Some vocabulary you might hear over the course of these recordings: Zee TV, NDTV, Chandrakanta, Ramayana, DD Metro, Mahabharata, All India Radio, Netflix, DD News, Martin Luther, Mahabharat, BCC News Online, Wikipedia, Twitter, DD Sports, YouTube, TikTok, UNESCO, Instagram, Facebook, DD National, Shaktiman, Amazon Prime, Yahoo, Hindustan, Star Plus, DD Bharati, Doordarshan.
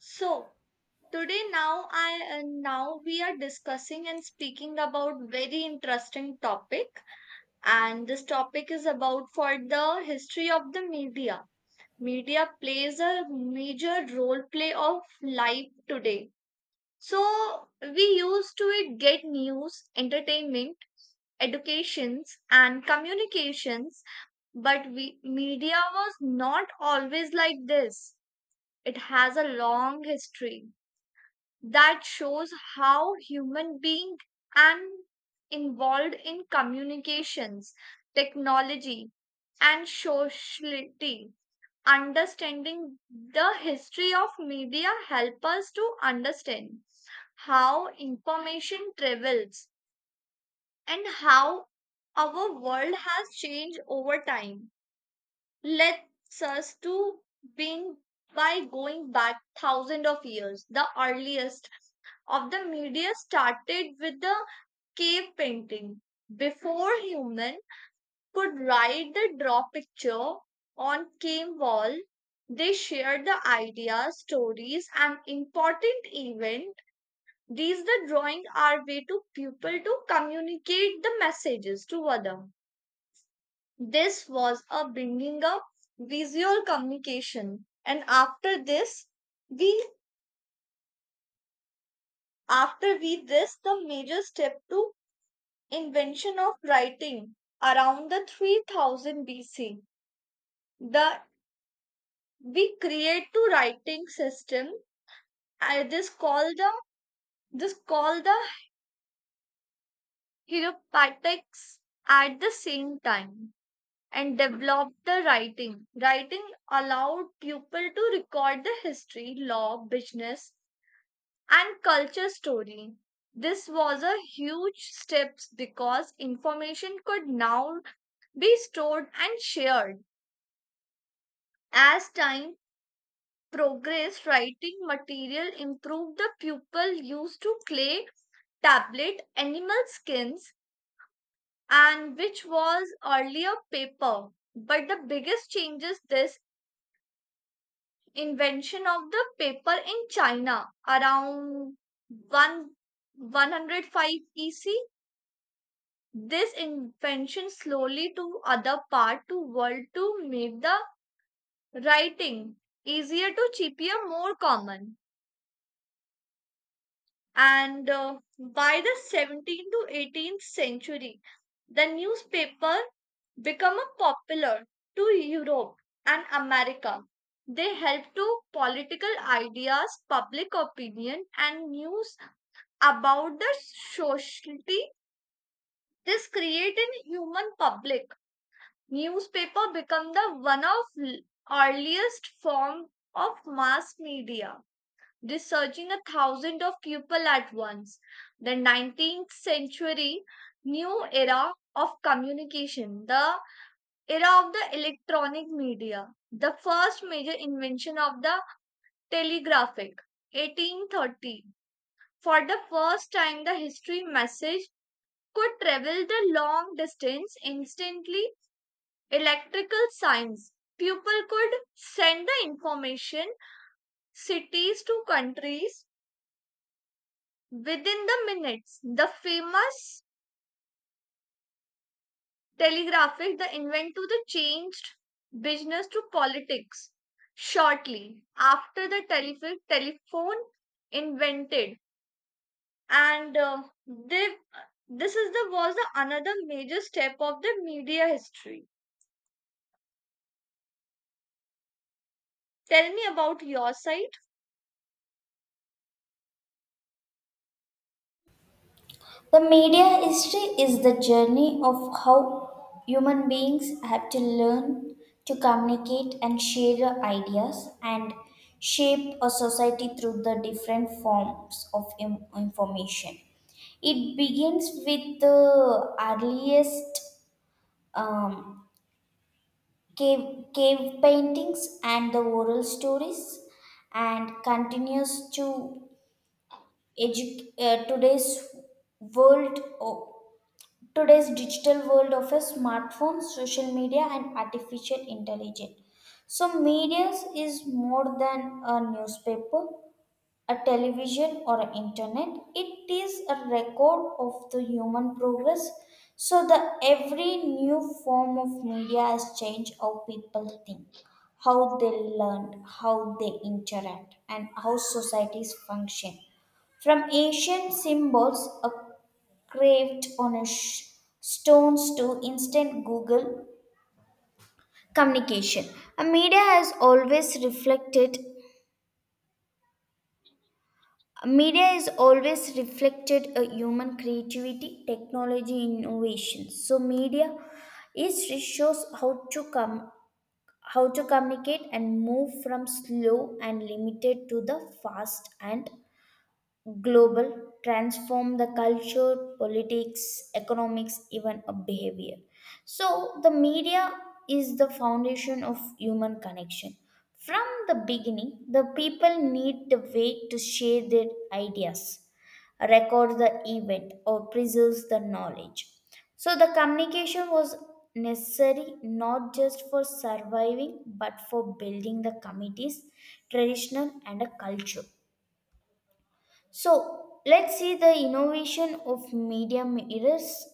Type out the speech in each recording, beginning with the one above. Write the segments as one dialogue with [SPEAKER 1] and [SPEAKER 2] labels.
[SPEAKER 1] So today now I and now we are discussing and speaking about very interesting topic, and this topic is about for the history of the media. Media plays a major role play of life today. So we used to it get news, entertainment, educations, and communications, but we media was not always like this. It has a long history that shows how human being and involved in communications, technology, and sociality. Understanding the history of media help us to understand how information travels and how our world has changed over time. Let's us to being by going back thousands of years, the earliest of the media started with the cave painting. Before human could write the draw picture on cave wall, they shared the ideas, stories, and important event. These the drawing are way to people to communicate the messages to other. This was a bringing up visual communication, and after this, we after we this the major step to invention of writing around the 3000 BC. The we create two writing system. uh, this called the this called the hieroglyphics at the same time and developed the writing. Writing allowed people to record the history, law, business, and culture story. This was a huge step because information could now be stored and shared. As time progressed, writing material improved. The pupil used to clay, tablet, animal skins, and which was earlier paper. But the biggest change is this invention of the paper in China around 1 105 EC. This invention slowly to other part to world to make the writing easier to cheaper more common. And by the 17th to 18th century, the newspaper become a popular to europe and america. They help to political ideas, public opinion, and news about the society. This create in human public newspaper become the one of earliest form of mass media, researching a thousand of people at once. The 19th century new era of communication, the era of the electronic media, the first major invention of the telegraphic, 1830. For the first time, the history message could travel the long distance instantly. Electrical science. People could send the information cities to countries within the minutes. The famous telegraphic the invent to the changed business to politics. Shortly after the telephone, telephone invented, and this is the was the another major step of the media history. Tell me about your side.
[SPEAKER 2] The media history is the journey of how human beings have to learn to communicate and share their ideas and shape a society through the different forms of information. It begins with the earliest um, cave paintings and the oral stories and continues to today's world today's digital world of a smartphone social media and artificial intelligence. So media is more than a newspaper, a television, or a internet. It is a record of the human progress. So the every new form of media has changed how people think, how they learn, how they interact, and how societies function, from ancient symbols, craved on a stones to instant google communication. A media has always reflected Media is always reflected a human creativity, technology, innovation. So media is it shows how to communicate and move from slow and limited to the fast and global, transform the culture, politics, economics, even a behavior. So the media is the foundation of human connection. From the beginning, the people need the way to share their ideas, record the event, or preserves the knowledge. So the communication was necessary not just for surviving but for building the communities, traditional and a culture. So let's see the innovation of media mirrors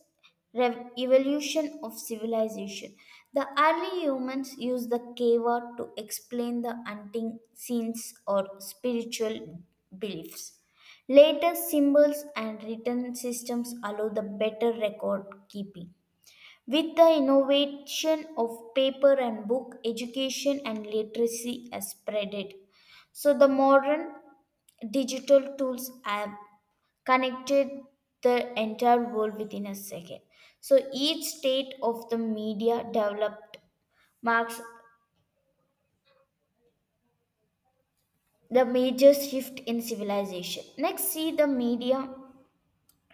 [SPEAKER 2] evolution of civilization. The early humans used the cave to explain the hunting scenes or spiritual beliefs. Later, symbols and written systems allow the better record keeping. With the innovation of paper and book, education and literacy has spreaded. So the modern digital tools have connected the entire world within a second. So each state of the media developed marks the major shift in civilization. Next, see the media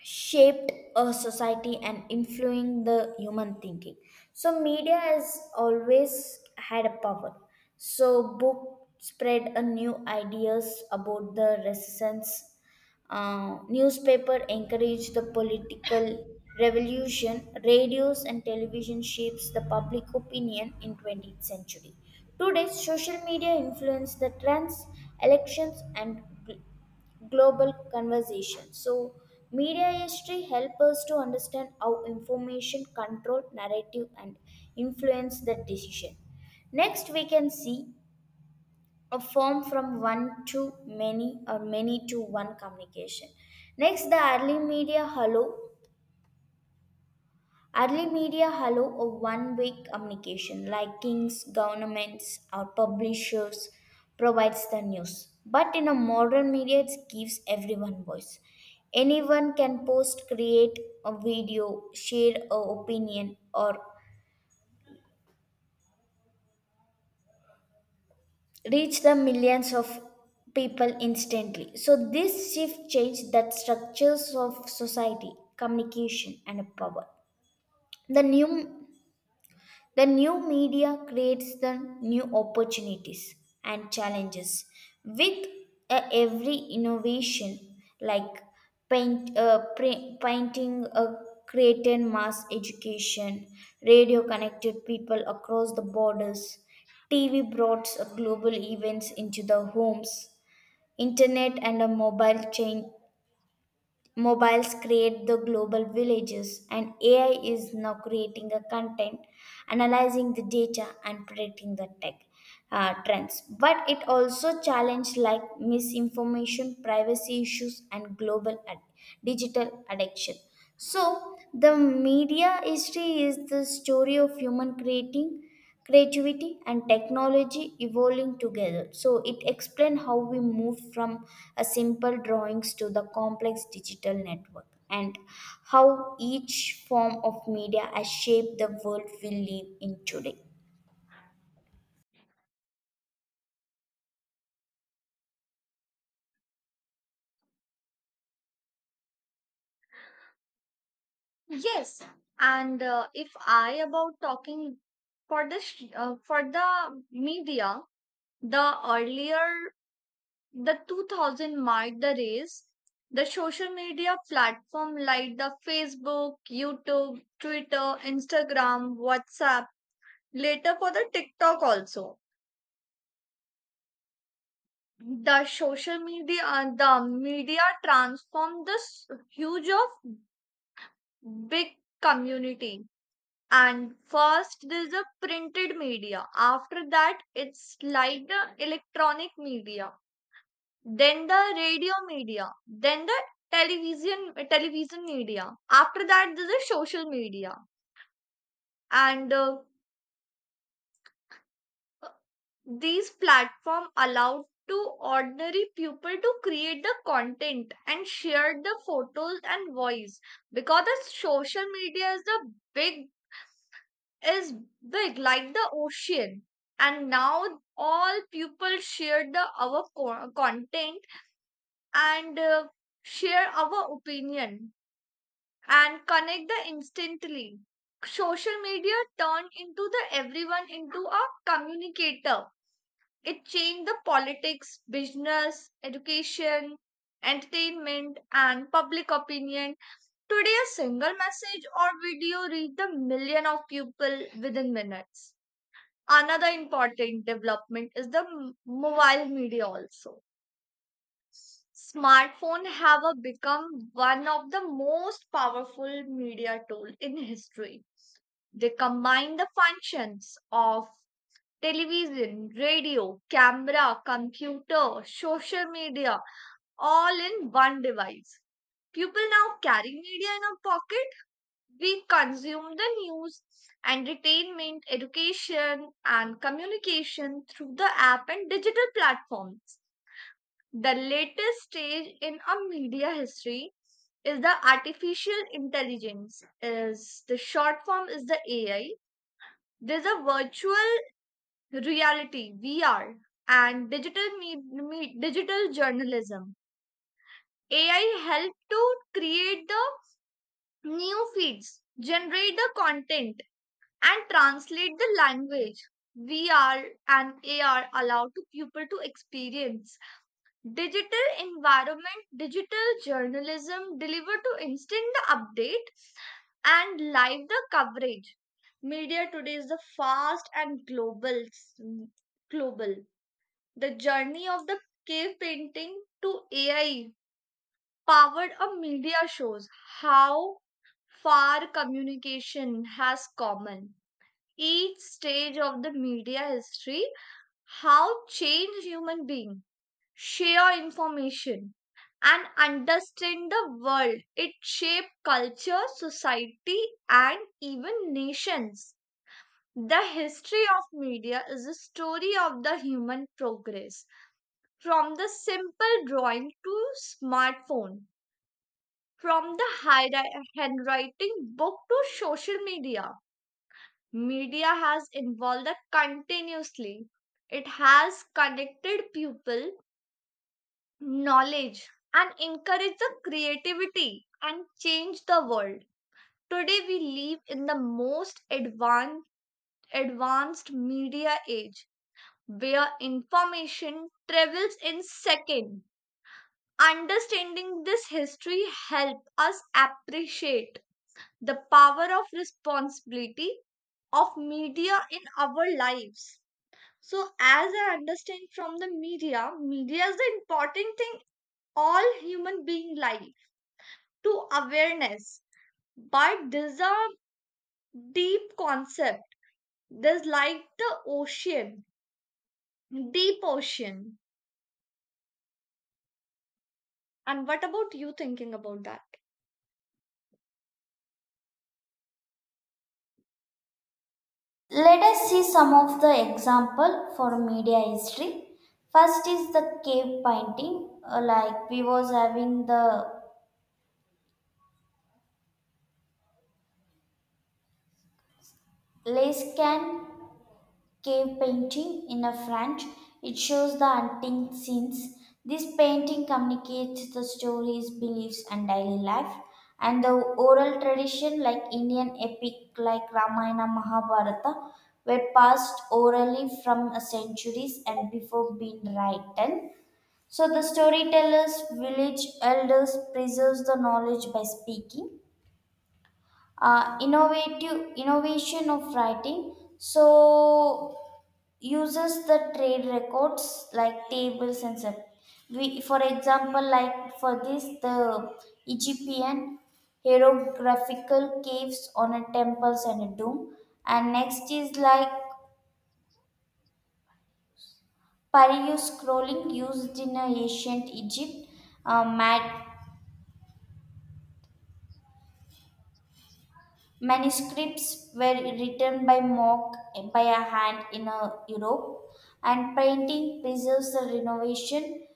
[SPEAKER 2] shaped a society and influencing the human thinking. So media has always had a power. So book spread a new ideas about the resistance. Newspaper encourage the political revolution. Radios and television shapes the public opinion in 20th century. Today, social media influence the trends, elections, and gl- global conversation. So, media history help us to understand how information control narrative and influence the decision. Next, we can see a form from one to many or many to one communication. Next, the early media hello. Early media hello a one way communication like kings, governments, or publishers provides the news. But in a modern media, it gives everyone voice. Anyone can post, create a video, share a opinion, or reach the millions of people instantly. So this shift changed the structures of society, communication, and power. The new the new media creates the new opportunities and challenges with every innovation like painting created mass education, radio connected people across the borders, TV brought global events into the homes, internet and a mobile chain Mobiles create the global villages, and AI is now creating a content, analyzing the data, and predicting the tech trends. But it also challenges like misinformation, privacy issues, and digital addiction. So the media history is the story of human creating creativity and technology evolving together. So it explains how we move from a simple drawings to the complex digital network and how each form of media has shaped the world we live in today.
[SPEAKER 1] Yes, and if I about talking for the for the media, the earlier the 2000 marked the race. The social media platform like the Facebook, YouTube, Twitter, Instagram, WhatsApp, later for the TikTok also. The social media, the media transformed this huge of big community. And first there's a printed media. After that, it's like the electronic media, then the radio media, then the television media. After that, there's the social media, and these platform allowed to ordinary people to create the content and share the photos and voice because the social media is the big is big like the ocean. And now all people share the our content, and share our opinion and connect the instantly. Social media turned into the everyone into a communicator. It changed the politics, business, education, entertainment, and public opinion. Today, a single message or video reach the million of people within minutes. Another important development is the mobile media also. Smartphone have a become one of the most powerful media tool in history. They combine the functions of television, radio, camera, computer, social media, all in one device. People now carry media in a pocket. We consume the news, entertainment, education, and communication through the app and digital platforms. The latest stage in our media history is the artificial intelligence, is the short form is the AI. There's a virtual reality, VR, and digital journalism. AI helped to create the new feeds, generate the content, and translate the language. VR and AR allow to people to experience digital environment. Digital journalism deliver to instant the update and live the coverage. Media today is the fast and global. The journey of the cave painting to AI powered a media shows how far communication has common. Each stage of the media history, how change human being, share information, and understand the world. It shaped culture, society, and even nations. The history of media is a story of the human progress. From the simple drawing to smartphone, from the handwriting book to social media, media has evolved continuously. It has connected people, knowledge, and encouraged the creativity and changed the world. Today we live in the most advanced media age where information travels in seconds. Understanding this history help us appreciate the power of responsibility of media in our lives. So as I understand from the media, media is the important thing all human being life to awareness. But this is a deep concept. This like the ocean, deep ocean. And what about you thinking about that?
[SPEAKER 2] Let us see some of the example for media history. First is the cave painting, like we was having the Lace cave painting in a French. It shows the hunting scenes. This painting communicates the stories, beliefs, and daily life. And the oral tradition, like Indian epic like Ramayana Mahabharata, were passed orally from centuries and before being written. So the storytellers, village elders preserves the knowledge by speaking. Innovative innovation of writing. So uses the trade records like tables and stuff. We, for example, like for this, the Egyptian hieroglyphical caves on a temples and a dome, and next is like papyrus scrolling used in a ancient Egypt. Uh, mat- Manuscripts were written by a hand in a Europe, and painting preserves the renovation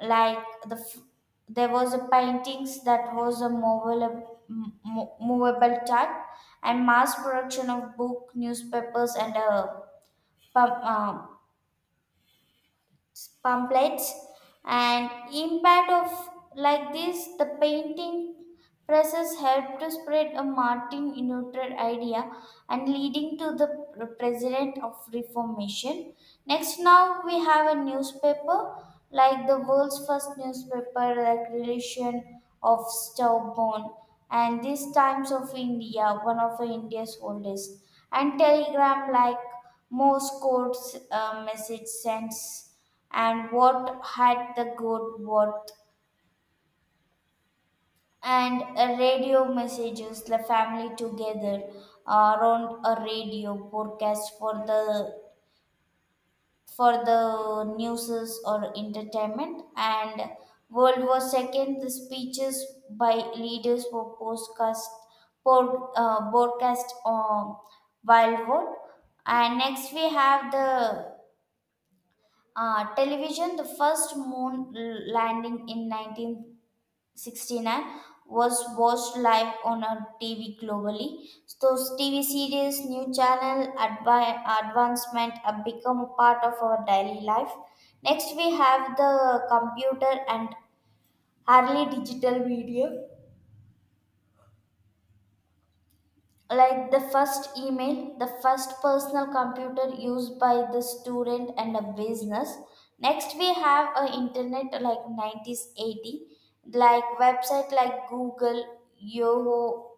[SPEAKER 2] like the f- there was a paintings that was a movable, movable type and mass production of book newspapers and pam- uh, pamphlets and impact of like this the painting Presses helped to spread a Martin Luther idea and leading to the president of Reformation. Next, now we have a newspaper like the world's first newspaper, like relation of Stubborn, and these times of India, one of India's oldest, and telegram like Morse code message sends and what had the good worth, and radio messages the family together around a radio broadcast for the newses or entertainment, and world war second, the speeches by leaders for postcast broadcast on wild world. And next we have the television. The first moon landing in 1969 was watched live on a TV globally. Those TV series, new channel, advancement have become a part of our daily life. Next, we have the computer and early digital media. Like the first email, the first personal computer used by the student and a business. Next, we have a internet like 90s 80, like website like Google, Yahoo,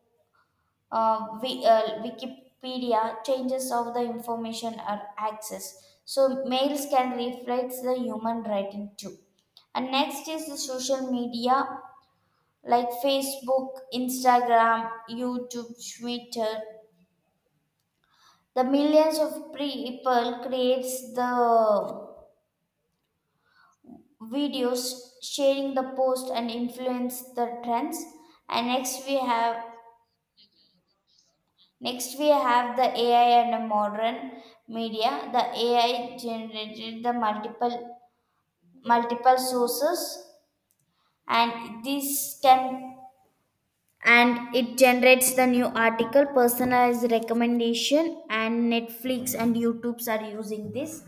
[SPEAKER 2] we Wikipedia changes of the information or access. So mails can reflect the human writing too. And next is the social media like Facebook, Instagram, YouTube, Twitter. The millions of people creates the videos sharing the post and influence the trends. And next we have Next, we have the AI and the modern media. The AI generated the multiple sources, and this can and it generates the new article, personalized recommendation, and Netflix and YouTube's are using this.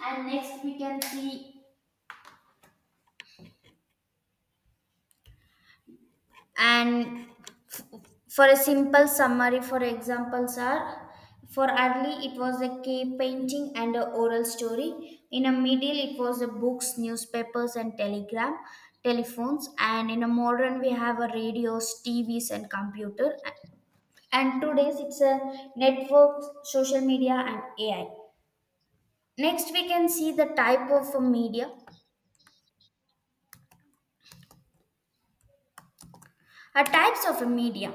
[SPEAKER 2] And next, we can see, and for a simple summary, for examples are: for early it was a cave painting and a oral story, in a middle it was a books, newspapers, and telegram, telephones, and in a modern we have a radios, TVs, and computer, and today's it's a networks, social media, and AI. Next we can see the type of a media types of a media.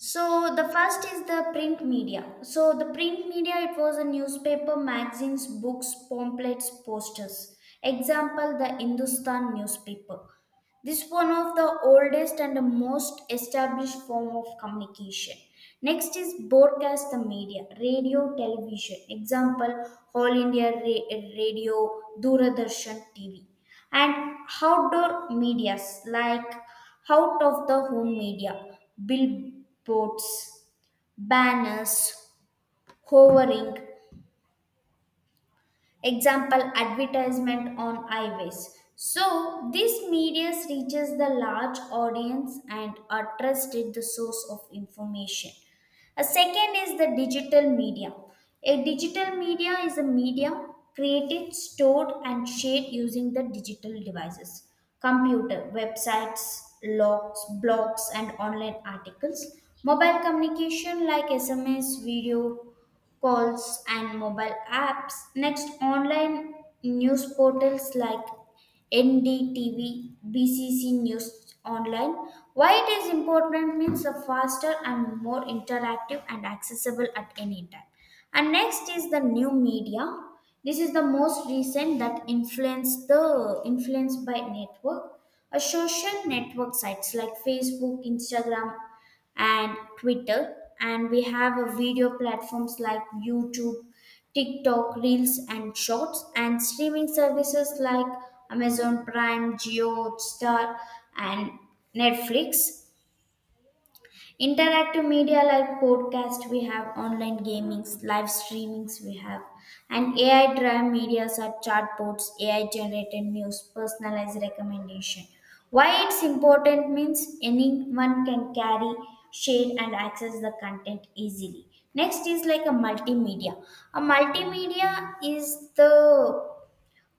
[SPEAKER 2] So the first is the print media. So the print media, it was a newspaper, magazines, books, pamphlets, posters. Example the Hindustan newspaper. This one of the oldest and the most established form of communication. Next is broadcast the media, radio, television. Example, All India Radio, Doordarshan TV. And outdoor medias like out of the home media, billboards, banners, hovering, example advertisement on highways. So this media reaches the large audience and are trusted the source of information. A second is the digital media. A digital media is a media created, stored, and shared using the digital devices, computer, websites, logs, blogs, and online articles, mobile communication like SMS, video calls, and mobile apps. Next, online news portals like NDTV, BCC News Online. Why it is important means a faster and more interactive and accessible at any time. And next is the new media. This is the most recent that influenced by network. A social network sites like Facebook, Instagram, and Twitter. And we have a video platforms like YouTube, TikTok, Reels, and Shorts, and streaming services like Amazon Prime, Geo, Star, and Netflix. Interactive media like podcast, we have online gamings, live streamings we have, and AI driven medias are chatbots, AI generated news, personalized recommendation. Why it's important means anyone can carry, share, and access the content easily. Next is like a multimedia. A multimedia is the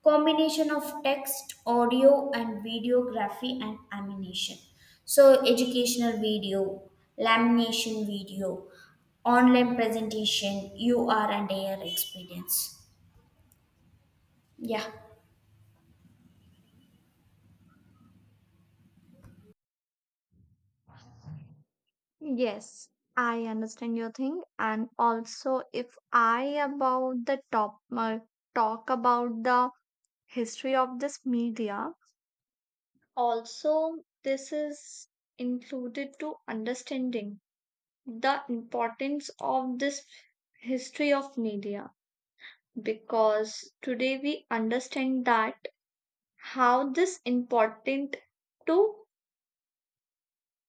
[SPEAKER 2] combination of text, audio, and videography, and animation. So educational video, lamination video, online presentation, ur and ar experience. Yeah.
[SPEAKER 1] Yes, I understand your thing. And also, if I about the top talk about the history of this media, also this is included to understanding the importance of this history of media because today we understand that how this important to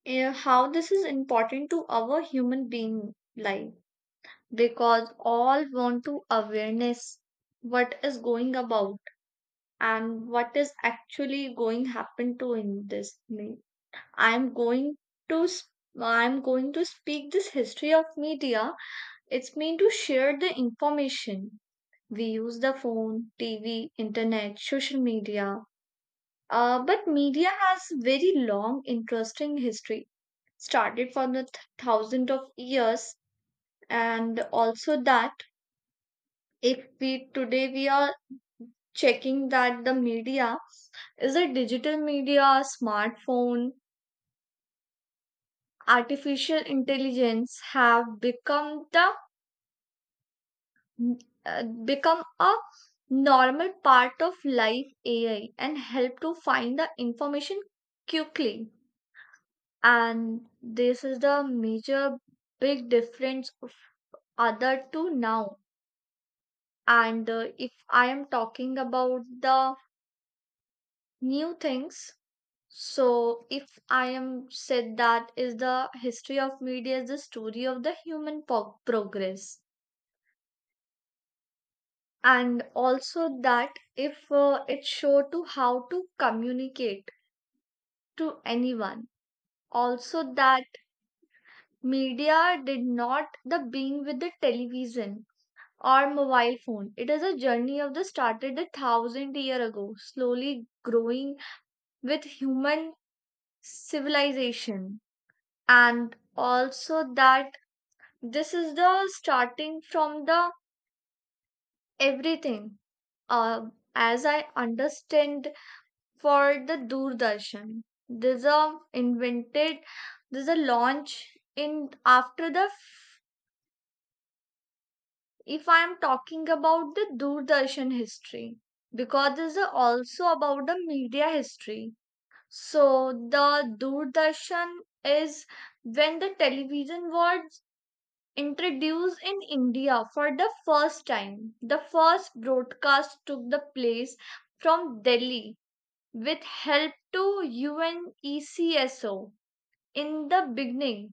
[SPEAKER 1] how this is important to our human being life because all want to awareness what is going about and what is actually going happen to in this me. I'm going to s- i'm going to speak this history of media. It's mean to share the information. We use the phone, tv, internet, social media. But media has very long interesting history started from the thousand of years. And also that if we today we are checking that the media is a digital media, smartphone, artificial intelligence have become the become a normal part of life. AI and help to find the information quickly. And this is the major big difference of other two now. And if I am talking about the new things, so, if I am said that is the history of media is the story of the human progress, and also that if it show to how to communicate to anyone, also that media did not the being with the television or mobile phone. It is a journey of the started a thousand year ago, slowly growing with human civilization, and also that this is the starting from the everything, uh, as I understand for the Doordarshan. There's a invented, there's a launch in after the. If I am talking about the Doordarshan history, because this is also about the media history. So the Doordarshan is when the television was introduced in India for the first time. The first broadcast took the place from Delhi with help to UNESCO. In the beginning,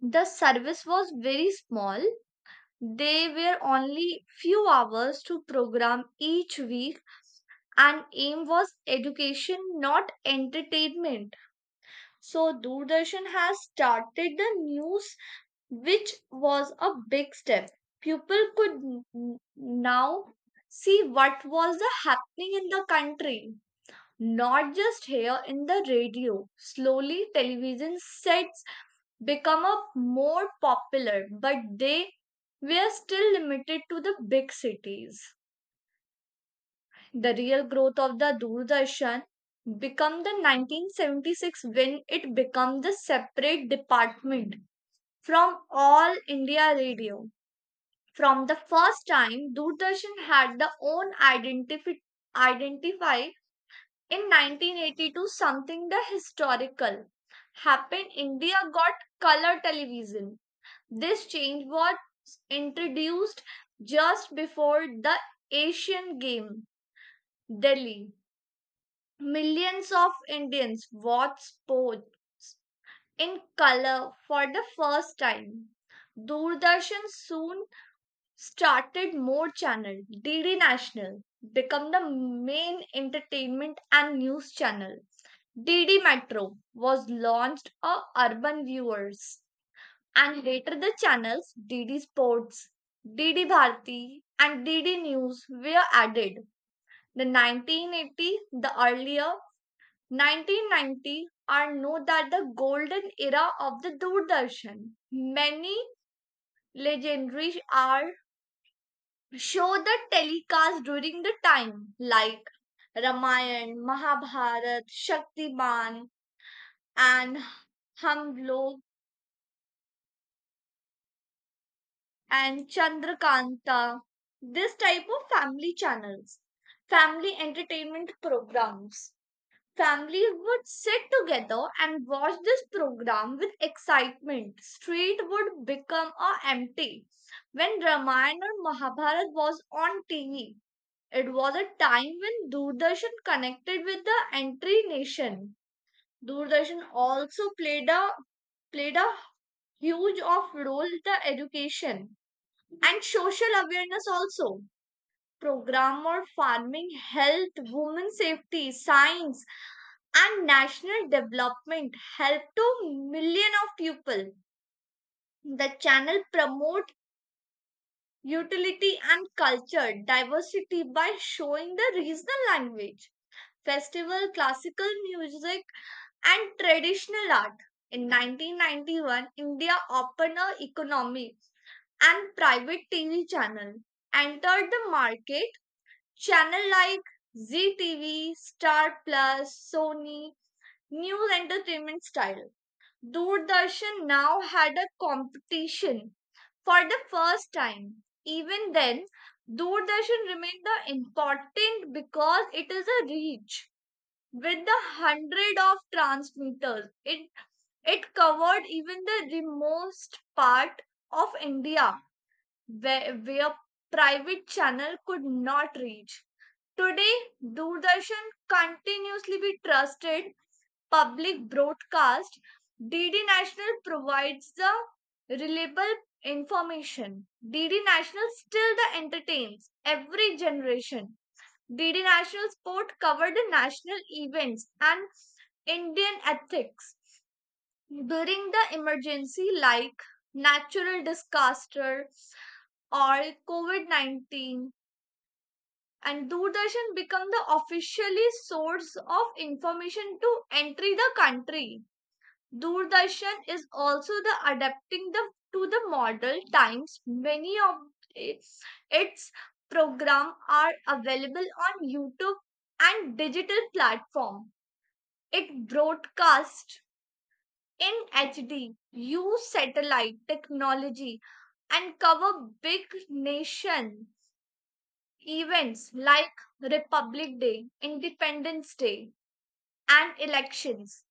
[SPEAKER 1] the service was very small. They were only few hours to program each week and aim was education, not entertainment. So Doordarshan has started the new which was a big step. People could now see what was the happening in the country, not just here in the radio. Slowly, television sets become a more popular, but they were still limited to the big cities. The real growth of the Doordarshan become the 1976 when it became the separate department from all India radio. From the first time, Doordarshan had the own identify in 1982. Something the historical happened. India got color television. This change was introduced just before the Asian game, Delhi. Millions of Indians watched sport in color for the first time. Doordarshan soon started more channel. DD National became the main entertainment and news channel. DD Metro was launched for urban viewers, and later the channels DD Sports, DD Bharati, and DD News were added. The 1980, the earlier 1990 are known that the golden era of the Doordarshan. Many legendary are show the telecast during the time like Ramayan, Mahabharat, Shaktiman, and Hum Log and Chandrakanta. This type of family channels, family entertainment programs. Families would sit together and watch this program with excitement. Street would become a empty when Ramayan or Mahabharat was on TV. It was a time when Doordarshan connected with the entry nation. Doordarshan also played a huge of role in the education and social awareness also. Program on farming, health, women safety, science, and national development helped to million of people. The channel promote utility and culture diversity by showing the regional language, festival, classical music, and traditional art. In 1991, India opened a economy and private TV channel entered the market. Channel like Zee TV, Star Plus, Sony, new entertainment style. Doordarshan now had a competition for the first time. Even then, Doordarshan remained the important because it is a reach with the hundred of transmitters. It covered even the remotest part of India where private channel could not reach. Today, Doordarshan continuously be trusted public broadcast. DD National provides the reliable information. DD National still the entertains every generation. DD National Sport covered the national events and Indian ethics during the emergency like natural disaster or COVID-19, and Doordarshan became the officially source of information to entry the country. Doordarshan is also the adapting the to the modern times. Many of its its program are available on YouTube and digital platform. It broadcasts in HD, use satellite technology, and cover big nation events like Republic Day, Independence Day, and elections.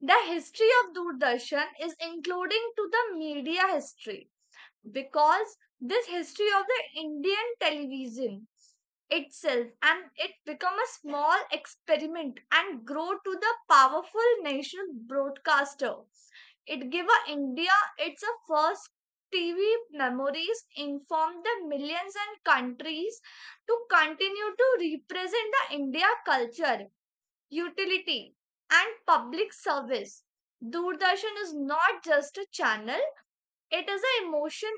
[SPEAKER 1] The history of Doordarshan is including to the media history because this history of the Indian television itself and it become a small experiment and grow to the powerful national broadcaster. It give a India its a first TV memories inform the millions and countries to continue to represent the India culture, utility, and public service. Doordarshan is not just a channel, it is an emotion,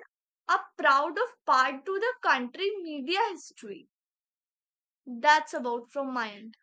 [SPEAKER 1] a proud of part to the country media history. That's about from my end.